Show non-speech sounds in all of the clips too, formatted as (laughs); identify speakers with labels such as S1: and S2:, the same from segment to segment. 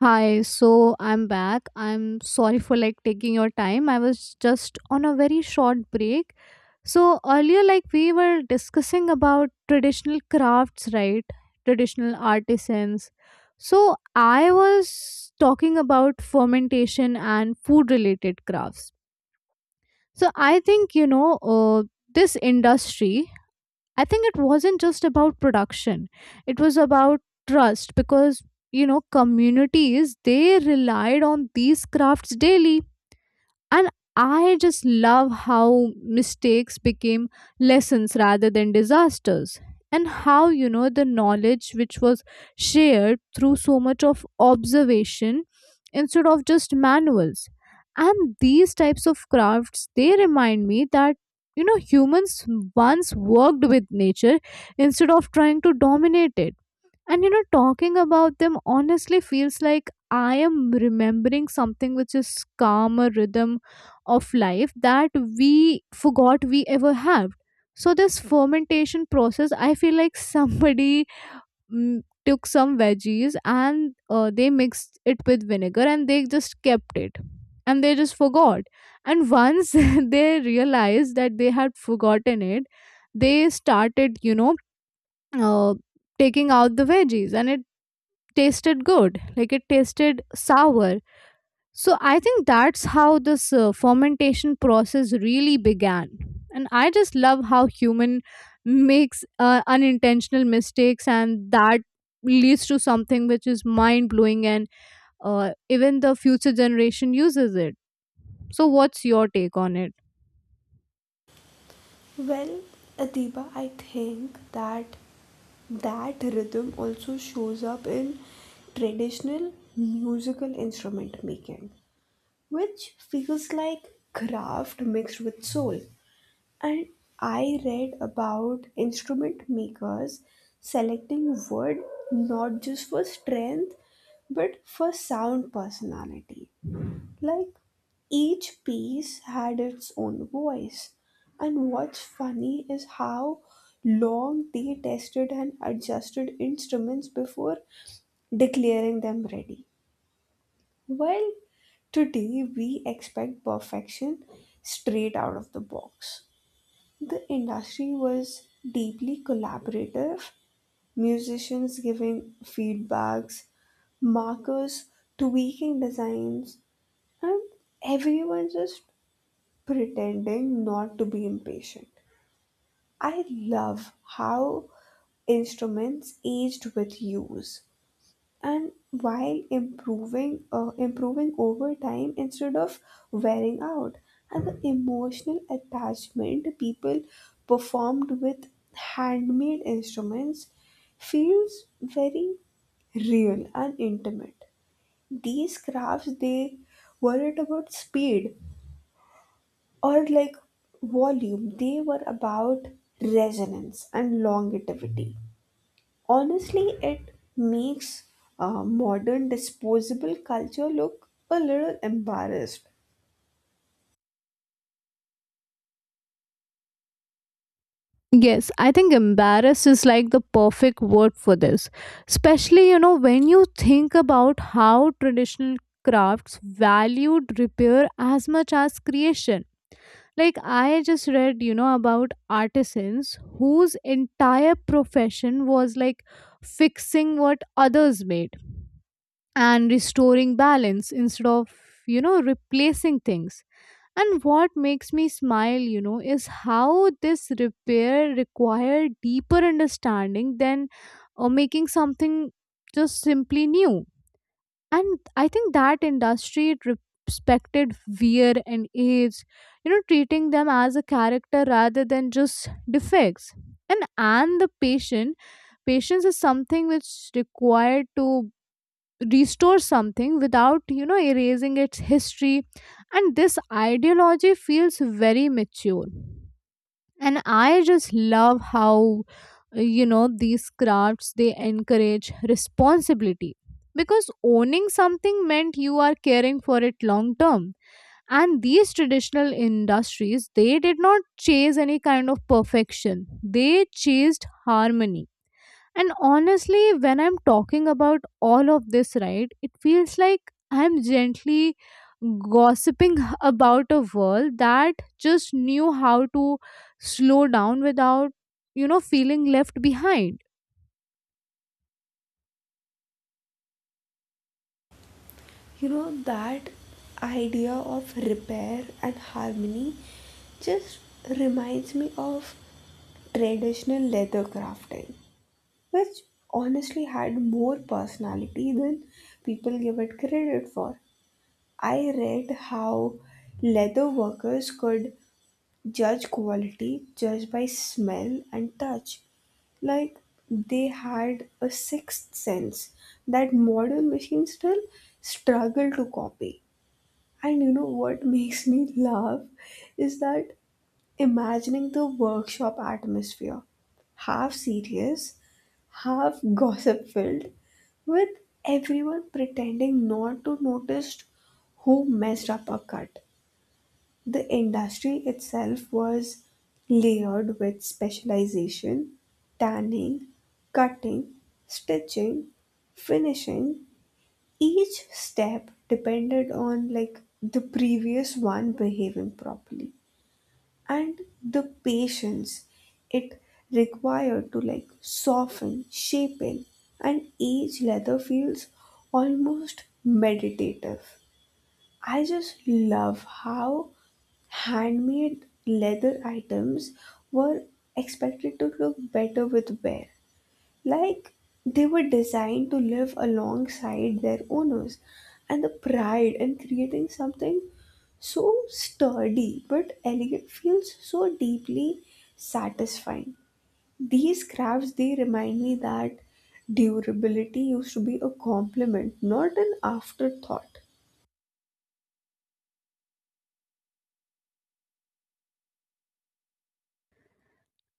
S1: Hi, so I'm back. I'm sorry for like taking your time. I was just on a very short break. So earlier like we were discussing about traditional crafts, right? Traditional artisans. So I was talking about fermentation and food related crafts. So I think this industry, I think it wasn't just about production, it was about trust because you know communities they relied on these crafts daily. And I just love how mistakes became lessons rather than disasters. And how, you know, the knowledge which was shared through so much of observation instead of just manuals. And these types of crafts, they remind me that, you know, humans once worked with nature instead of trying to dominate it. And you know, talking about them honestly feels like I am remembering something which is calmer rhythm of life that we forgot we ever have. So this fermentation process, I feel like somebody mm, took some veggies and they mixed it with vinegar and they just kept it and they just forgot. And once (laughs) they realized that they had forgotten it, they started, you know, uh, taking out the veggies and it tasted good, like it tasted sour. So I think that's how this fermentation process really began. And I just love how human makes unintentional mistakes and that leads to something which is mind blowing, and even the future generation uses it. So what's your take on it?
S2: Well, Adiba, I think that rhythm also shows up in traditional musical instrument making, which feels like craft mixed with soul. And I read about instrument makers selecting wood not just for strength but for sound personality. Like each piece had its own voice. And what's funny is how long they tested and adjusted instruments before declaring them ready. While today we expect perfection straight out of the box. The industry was deeply collaborative, musicians giving feedbacks, markers tweaking designs, and everyone just pretending not to be impatient. I love how instruments aged with use and while improving over time instead of wearing out, and the emotional attachment people performed with handmade instruments feels very real and intimate. These crafts, they weren't about speed or like volume, they were about resonance and longevity. Honestly, it makes modern disposable culture look a little embarrassed.
S1: Yes, I think embarrassed is like the perfect word for this. Especially, you know, when you think about how traditional crafts valued repair as much as creation. Like, I just read, you know, about artisans whose entire profession was like fixing what others made and restoring balance instead of, you know, replacing things. And what makes me smile, you know, is how this repair required deeper understanding than making something just simply new. And I think that industry, it respected wear and age, you know, treating them as a character rather than just defects. And the patience is something which required to restore something without you know erasing its history. And this ideology feels very mature, and I just love how you know these crafts they encourage responsibility, because owning something meant you are caring for it long term. And these traditional industries they did not chase any kind of perfection, they chased harmony. And honestly, when I'm talking about all of this, right, it feels like I'm gently gossiping (laughs) about a world that just knew how to slow down without, you know, feeling left behind.
S2: You know, that idea of repair and harmony just reminds me of traditional leather crafting, which honestly had more personality than people give it credit for. I read how leather workers could judge quality just by smell and touch. Like they had a sixth sense that modern machines still struggle to copy. And you know what (laughs) makes me laugh is that imagining the workshop atmosphere, half serious, half (laughs) gossip filled, with everyone pretending not to notice who messed up a cut. The industry itself was layered with specialization, tanning, cutting, stitching, finishing. Each step depended on like the previous one behaving properly, and the patience it required to like soften, shaping and each leather feels almost meditative. I just love how handmade leather items were expected to look better with wear. Like they were designed to live alongside their owners, and the pride in creating something so sturdy but elegant feels so deeply satisfying. These crafts, they remind me that durability used to be a compliment, not an afterthought.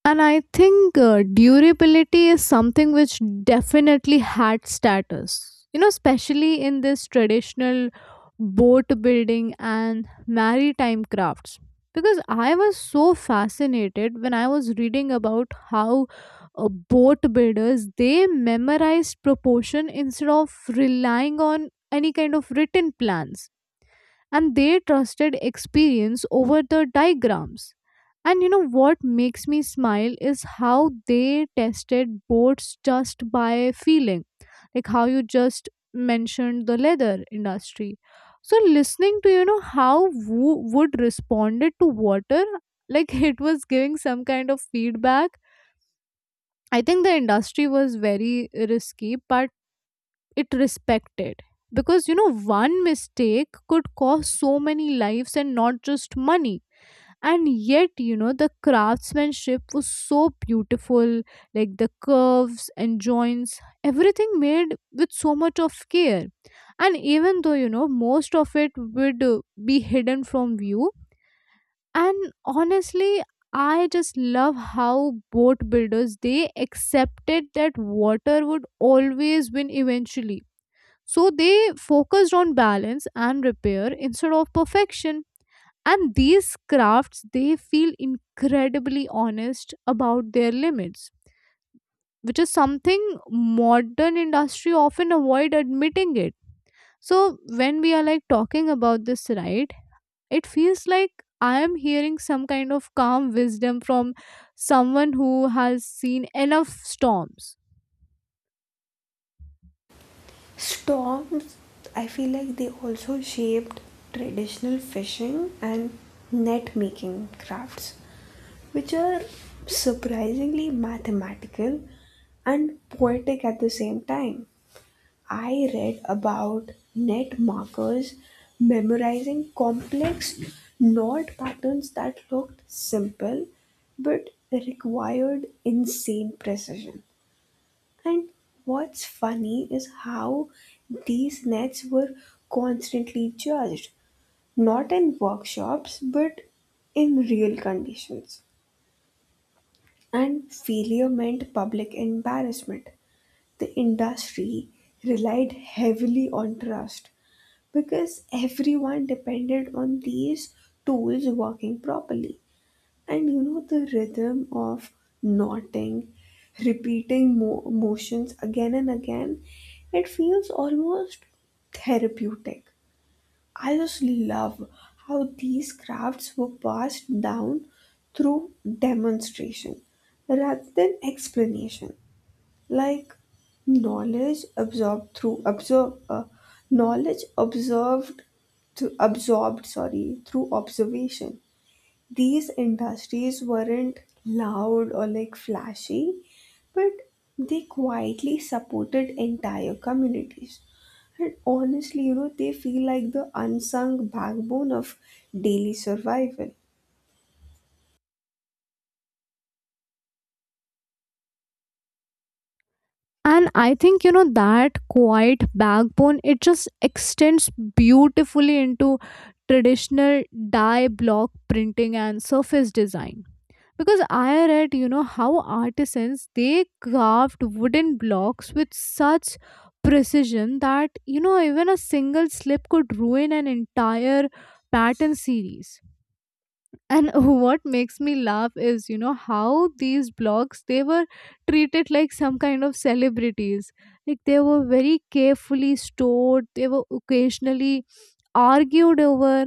S1: And I think durability is something which definitely had status, you know, especially in this traditional boat building and maritime crafts. Because I was so fascinated when I was reading about how boat builders they memorized proportion instead of relying on any kind of written plans, and they trusted experience over the diagrams. And you know what makes me smile is how they tested boats just by feeling, like how you just mentioned the leather industry. So listening to you know how Wu would responded to water, like (laughs) it was giving some kind of feedback. I think the industry was very risky, but it respected, because you know one mistake could cost so many lives and not just money. And yet you know the craftsmanship was so beautiful, like the curves and joints, everything made with so much of care, and even though you know most of it would be hidden from view. And honestly, I just love how boat builders they accepted that water would always win eventually, so they focused on balance and repair instead of perfection. And these crafts, they feel incredibly honest about their limits, which is something modern industry often avoid admitting it. So when we are like talking about this, right, it feels like I am hearing some kind of calm wisdom from someone who has seen enough storms.
S2: Storms, I feel like they also shaped traditional fishing and net making crafts, which are surprisingly mathematical and poetic at the same time. I read about net markers memorizing complex knot patterns that looked simple but required insane precision. And what's funny is how these nets were constantly judged, not in workshops, but in real conditions. And failure meant public embarrassment. The industry relied heavily on trust because everyone depended on these tools working properly. And you know the rhythm of knotting, repeating motions again and again, it feels almost therapeutic. I just love how these crafts were passed down through demonstration rather than explanation. Like knowledge absorbed through absorb uh, knowledge observed to absorbed, sorry, through observation. These industries weren't loud or like flashy, but they quietly supported entire communities. And honestly, you know, they feel like the unsung backbone of daily survival.
S1: And I think, you know, that quiet backbone, it just extends beautifully into traditional die block printing and surface design. Because I read, you know, how artisans they carved wooden blocks with such precision that, you know, even a single slip could ruin an entire pattern series. And (laughs) what makes me laugh is you know how these blogs they were treated like some kind of celebrities, like they were very carefully stored, they were occasionally argued over.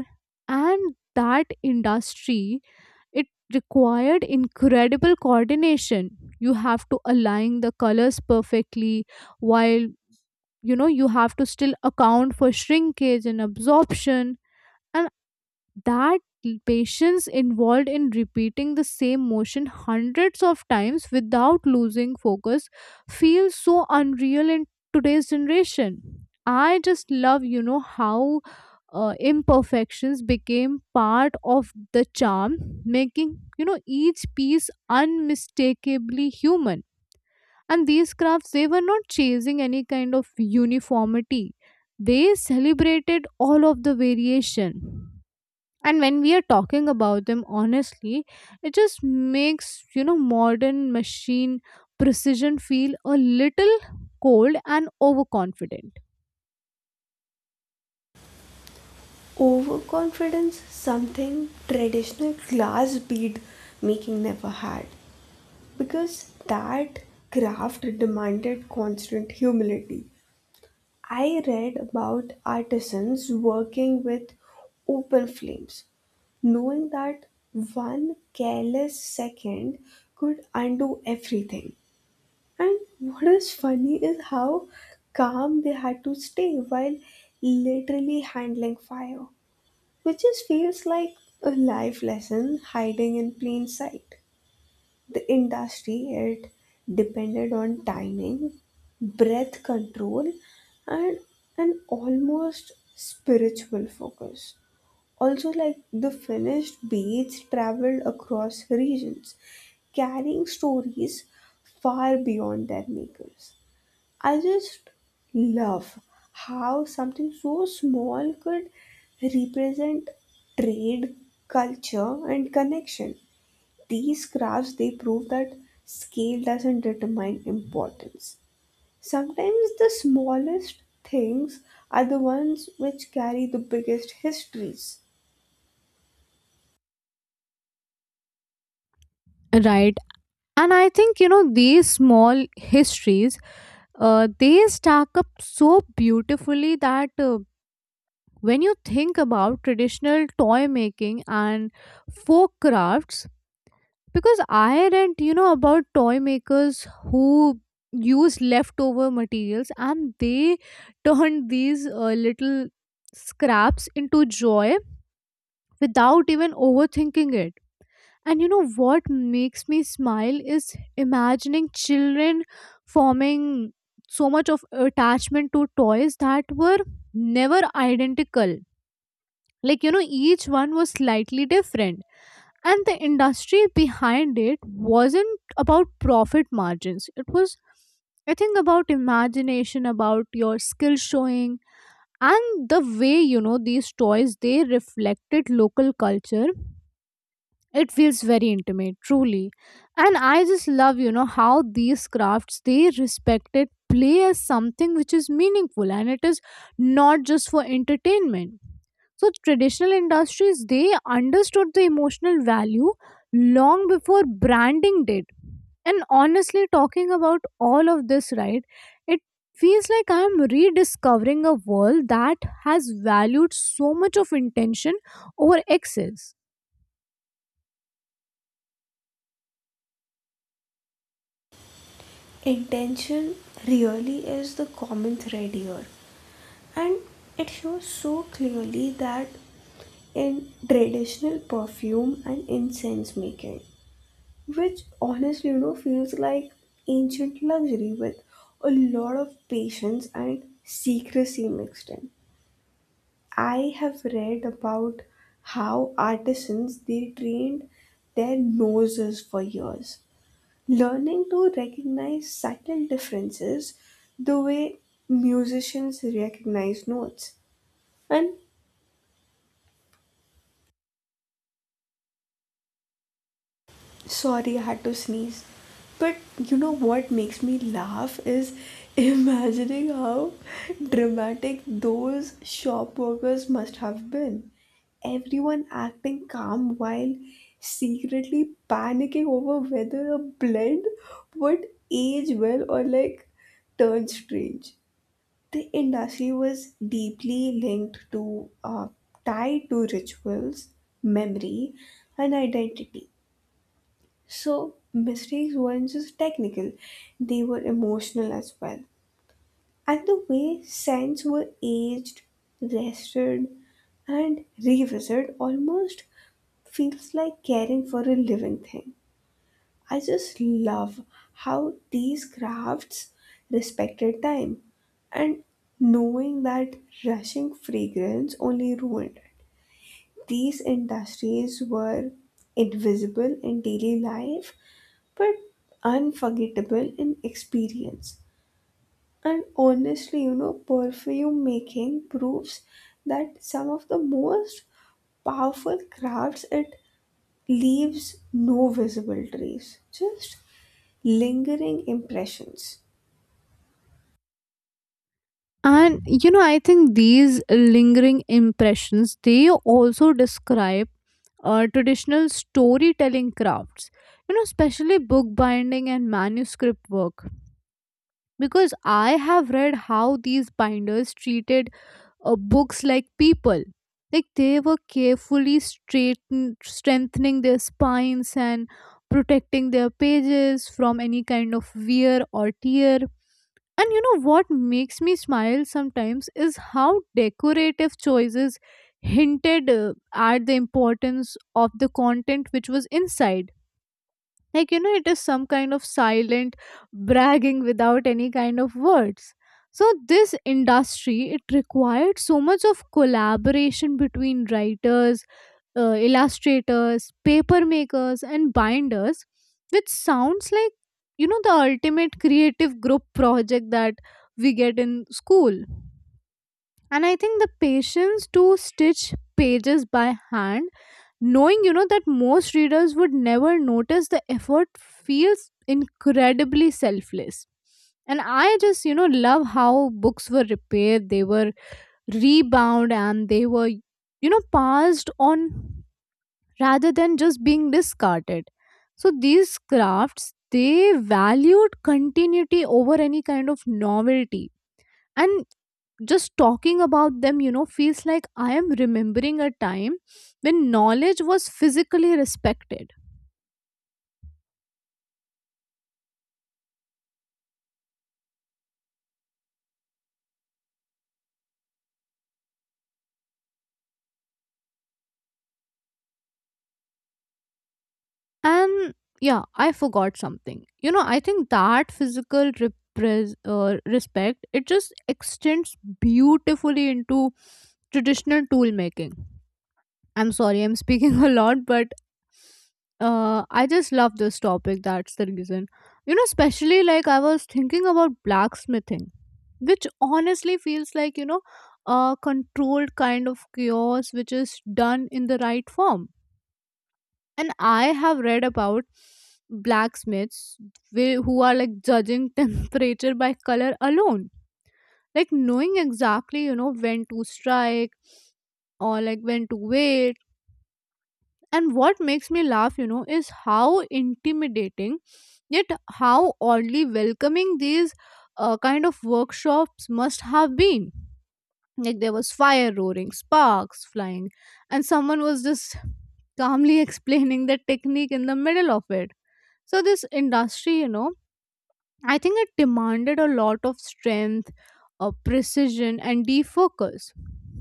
S1: And that industry, it required incredible coordination. You have to align the colors perfectly, while you know you have to still account for shrinkage and absorption. And that patience involved in repeating the same motion hundreds of times without losing focus feels so unreal in today's generation. I just love you know how imperfections became part of the charm, making you know each piece unmistakably human. And these crafts they were not chasing any kind of uniformity, they celebrated all of the variation. And when we are talking about them honestly, it just makes you know modern machine precision feel a little cold and overconfident.
S2: Overconfidence, something traditional glass bead making never had, because that craft demanded constant humility. I read about artisans working with open flames, knowing that one careless second could undo everything. And what is funny is how calm they had to stay while literally handling fire, which just feels like a life lesson hiding in plain sight. The industry, it depended on timing, breath control, and an almost spiritual focus. Also, like, the finished beads traveled across regions carrying stories far beyond their makers. I just love how something so small could represent trade, culture and connection. These graphs, they prove that scale doesn't determine importance. Sometimes the smallest things are the ones which carry the biggest histories.
S1: Right. And I think you know these small histories, they stack up so beautifully that, when you think about traditional toy making and folk crafts. Because I read you know about toy makers who use leftover materials and they (laughs) turn these little scraps into joy without even overthinking it. And you know what makes me smile is imagining children forming so much of attachment to toys that were never identical, like you know each one was slightly different. And the industry behind it wasn't about profit margins, it was, I think, about imagination, about your skill showing. And the way you know these toys they reflected local culture, it feels very intimate truly. And I just love you know how these crafts they respected play as something which is meaningful and it is not just for entertainment. So traditional industries they understood the emotional value long before branding did. And honestly talking about all of this, right, it feels like I'm rediscovering a world that has valued so much of intention over excess.
S2: Intention really is the common thread here, and it shows so clearly that in traditional perfume and incense making, which honestly you know feels like ancient luxury with a lot of patience and secrecy mixed in. I have read about how artisans they trained their noses for years, learning to recognize subtle differences the way musicians recognize notes. And sorry, I had to sneeze. But you know what makes me laugh is (laughs) imagining how dramatic those shop workers must have been. Everyone acting calm while secretly panicking over whether a blend would age well or like turn strange. The industry was deeply linked to tied to rituals, memory, and identity, so mistakes weren't just technical, they were emotional as well. And the way scents were aged, rested, and revisited almost feels like caring for a living thing. I just love how these crafts respected time, and knowing that rushing fragrance only ruined it. These industries were invisible in daily life but unforgettable in experience. And honestly, you know, perfume making proves that some of the most powerful crafts, it leaves no visible trace, just lingering impressions.
S1: And you know I think these lingering impressions they also describe traditional storytelling crafts, you know especially bookbinding and manuscript work. Because I have read how these binders treated books like people, like they were carefully strengthening their spines and protecting their pages from any kind of wear or tear. And you know what makes me smile sometimes is how decorative choices hinted at the importance of the content which was inside, like you know it is some kind of silent bragging without any kind of words. So this industry, it required so much of collaboration between writers, illustrators, paper makers and binders, which sounds like you know the ultimate creative group project that we get in school. And I think the patience to stitch pages by hand, knowing you know that most readers would never notice the effort, feels incredibly selfless. And I just you know love how books were repaired, they were rebound and they were you know passed on rather than just being discarded. So these crafts they valued continuity over any kind of novelty. And just talking about them you know feels like I am remembering a time when knowledge was physically respected. And yeah I forgot something, you know I think that physical respect, it just extends beautifully into traditional tool making. I'm sorry, I'm speaking (laughs) a lot, but I just love this topic. That's the reason. You know, especially like I was thinking about blacksmithing, which honestly feels like, you know, a controlled kind of chaos which is done in the right form. And I have read about blacksmiths who are like judging (laughs) temperature by color alone, like knowing exactly, you know, when to strike or like when to wait. And what makes me laugh, you know, is how intimidating, yet how oddly welcoming these kind of workshops must have been. Like there was fire roaring, sparks flying, and someone was just calmly (laughs) explaining the technique in the middle of it. So, this industry, you know, I think it demanded a lot of strength, precision, and defocus.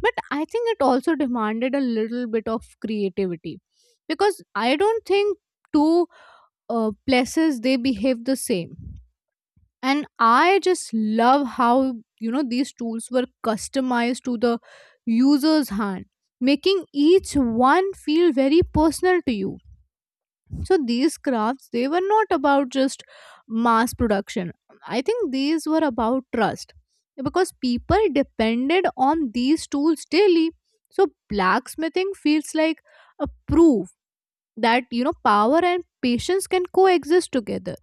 S1: But I think it also demanded a little bit of creativity, because I don't think two places they behave the same. And I just love how you know these tools were customized to the user's hand, making each one feel very personal to you. So these crafts they were not about just mass production, I think these were about trust, because people depended on these tools daily. So blacksmithing feels like a proof that you know power and patience can coexist together.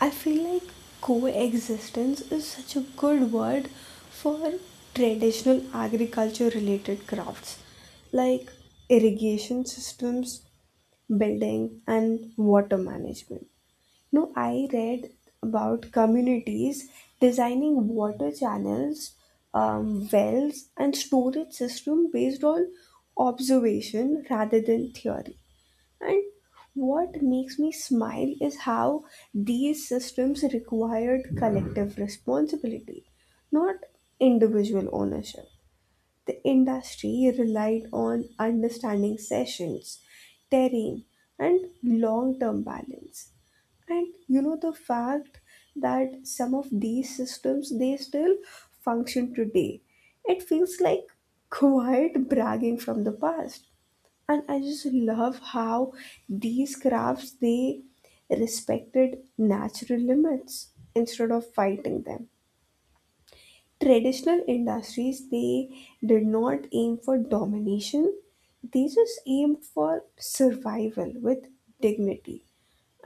S2: I feel like coexistence is such a good word for traditional agriculture related crafts, like irrigation systems, building, and water management. No, I read about communities designing water channels, wells, and storage system based on observation rather than theory. And what makes me smile is how these systems required collective responsibility, not individual ownership. The industry relied on understanding sessions, terrain, and long term balance. And you know the fact that some of these systems they still function today. It feels like quiet bragging from the past. And I just love how these crafts, they respected natural limits instead of fighting them. Traditional industries, they did not aim for domination, they just aimed for survival with dignity.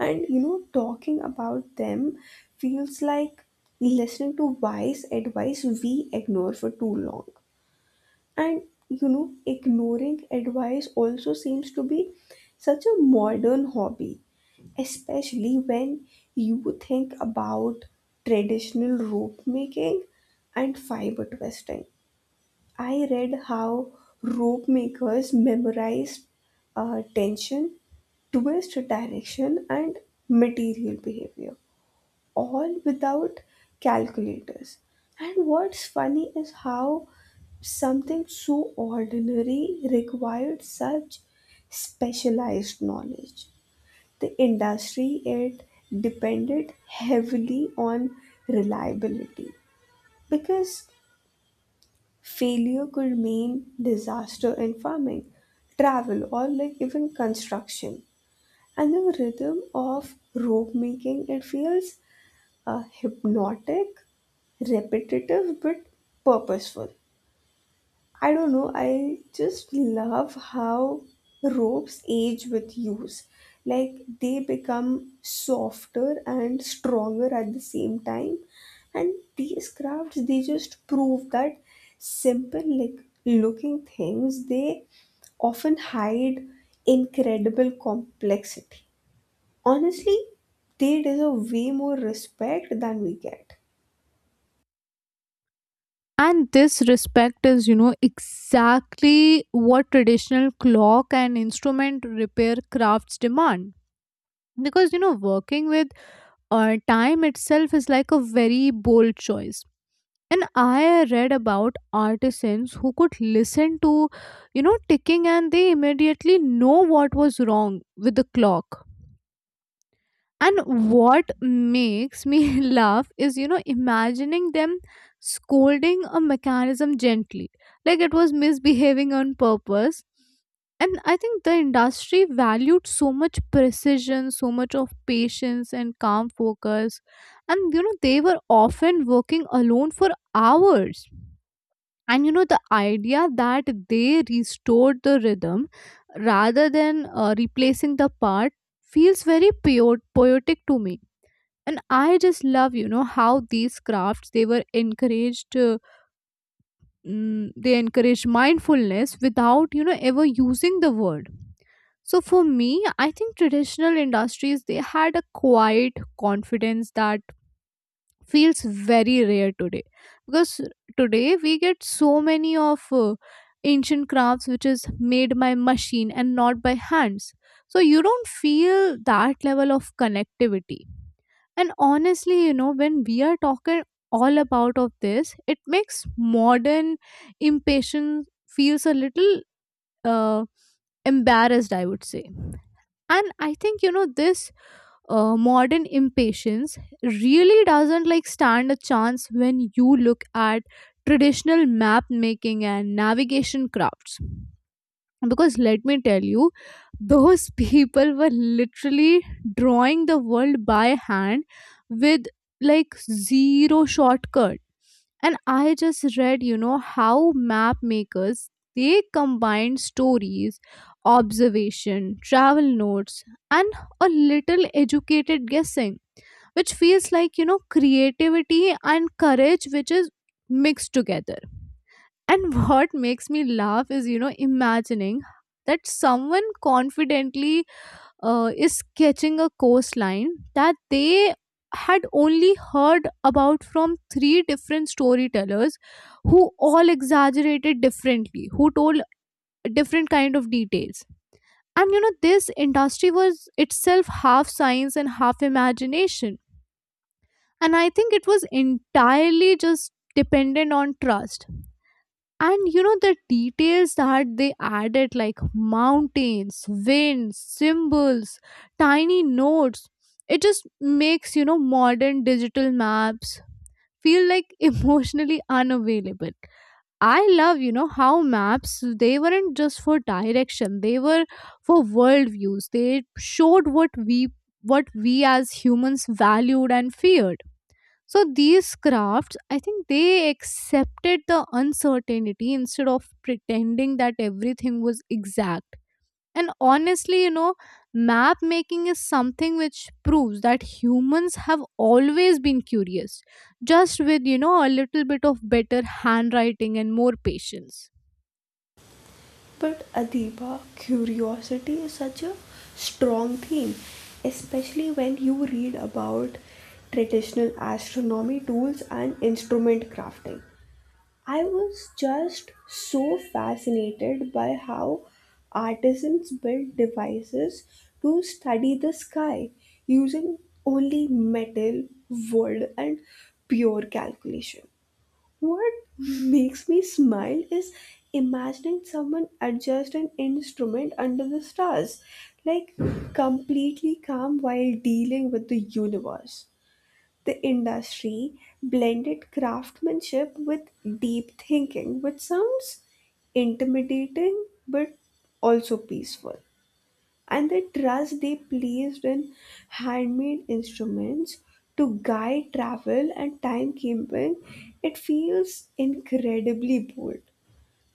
S2: And you know, talking about them feels like listening to wise advice we ignore for too long. And you know, ignoring advice also seems to be such a modern hobby, especially when you think about traditional rope making and fiber twisting. I read how rope makers memorized tension, twist direction, and material behavior all without calculators. And what's funny is how something so ordinary required such specialized knowledge. The industry, it depended heavily on reliability because failure could mean disaster in farming, travel, or like even construction. And the rhythm of rope making, it feels hypnotic, repetitive, but purposeful. I don't know, I just love how ropes age with use. Like they become softer and stronger at the same time. And these crafts, they just prove that simple, like looking things, they often hide incredible complexity. Honestly, they deserve way more respect than we get.
S1: And this respect is you know exactly what traditional clock and instrument repair crafts demand, because you know working with time itself is like a very bold choice. And I read about artisans who could listen to you know ticking and they immediately know what was wrong with the clock. And what makes me (laughs) laugh is you know imagining them scolding a mechanism gently, like it was misbehaving on purpose. And I think the industry valued so much precision, so much of patience and calm focus, and you know they were often working alone for hours. And you know the idea that they restored the rhythm rather than replacing the part feels very poetic to me. And I just love you know how these crafts they were they encouraged mindfulness without you know ever using the word. So for me, I think traditional industries they had a quiet confidence that feels very rare today, because today we get so many of ancient crafts which is made by machine and not by hands, so you don't feel that level of connectivity. And honestly you know when we are talking all about of this, it makes modern impatience feels a little uh, embarrassed, I would say. And I think you know this modern impatience really doesn't like stand a chance when you look at traditional map making and navigation crafts. Because let me tell you, (laughs) those people were literally drawing the world by hand with like zero shortcuts. And I just read you know how map makers they combine stories, observation, travel notes, and a little educated guessing, which feels like you know creativity and courage which is mixed together. And (laughs) what makes me laugh is you know imagining that someone confidently is sketching a coastline that they had only heard about from three different storytellers who all exaggerated differently, who told different kind of details. And you know this industry was itself half science and half imagination, and I think it was entirely just dependent on trust. And you know the details that they added, like mountains, winds, symbols, tiny notes, it just makes you know modern digital maps feel like (laughs) emotionally unavailable. I love you know how maps they weren't just for direction, they were for world views, they showed what we as humans valued and feared. So these crafts, I think they accepted the uncertainty instead of pretending that everything was exact. And honestly, you know, map making is something which proves that humans have always been curious, just with, you know, a little bit of better handwriting and more patience.
S2: But Adiba, curiosity is such a strong theme, especially when you read about traditional astronomy tools and instrument crafting. I was just so fascinated by how artisans built devices to study the sky using only metal, wood, and pure calculation. What makes me smile is imagining someone adjust an instrument under the stars, like completely calm while dealing with the universe. The industry blended craftsmanship with deep thinking, which sounds intimidating but also peaceful. And the trust they placed in handmade instruments to guide travel and timekeeping, it feels incredibly bold.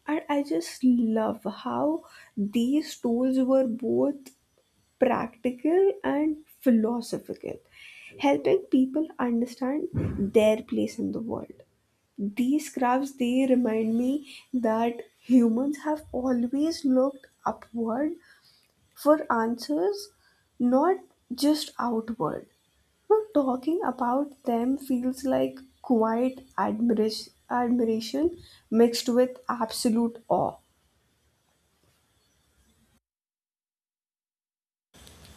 S2: And I just love how these tools were both practical and philosophical, helping people understand their place in the world. These crafts, they remind me that humans have always looked upward for answers, not just outward. Now, talking about them feels like quiet admiration mixed with absolute awe.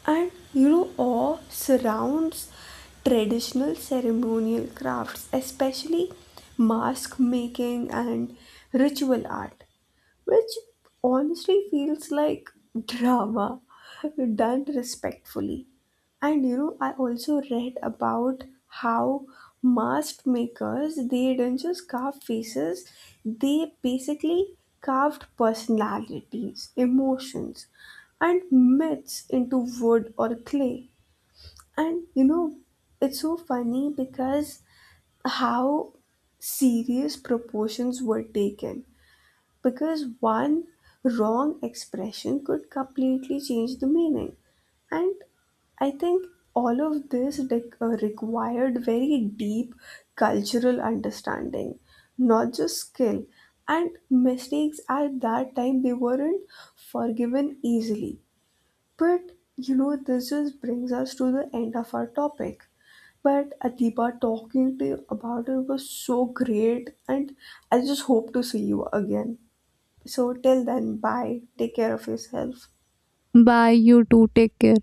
S2: And you know, awe surrounds traditional ceremonial crafts, especially mask making and ritual art, which honestly feels like drama done respectfully. And you know, I also read about how mask makers they didn't just carve faces, they basically carved personalities, emotions, and myths into wood or clay. And you know, it's so funny because how serious proportions were taken, because one wrong expression could completely change the meaning. And I think all of this required very deep cultural understanding, not just skill. And mistakes at that time they weren't forgiven easily. But you know, this just brings us to the end of our topic. But Adiba, talking to you about it was so great, and I just hope to see you again. So till then, bye. Take care of yourself.
S1: Bye, you too. Take care.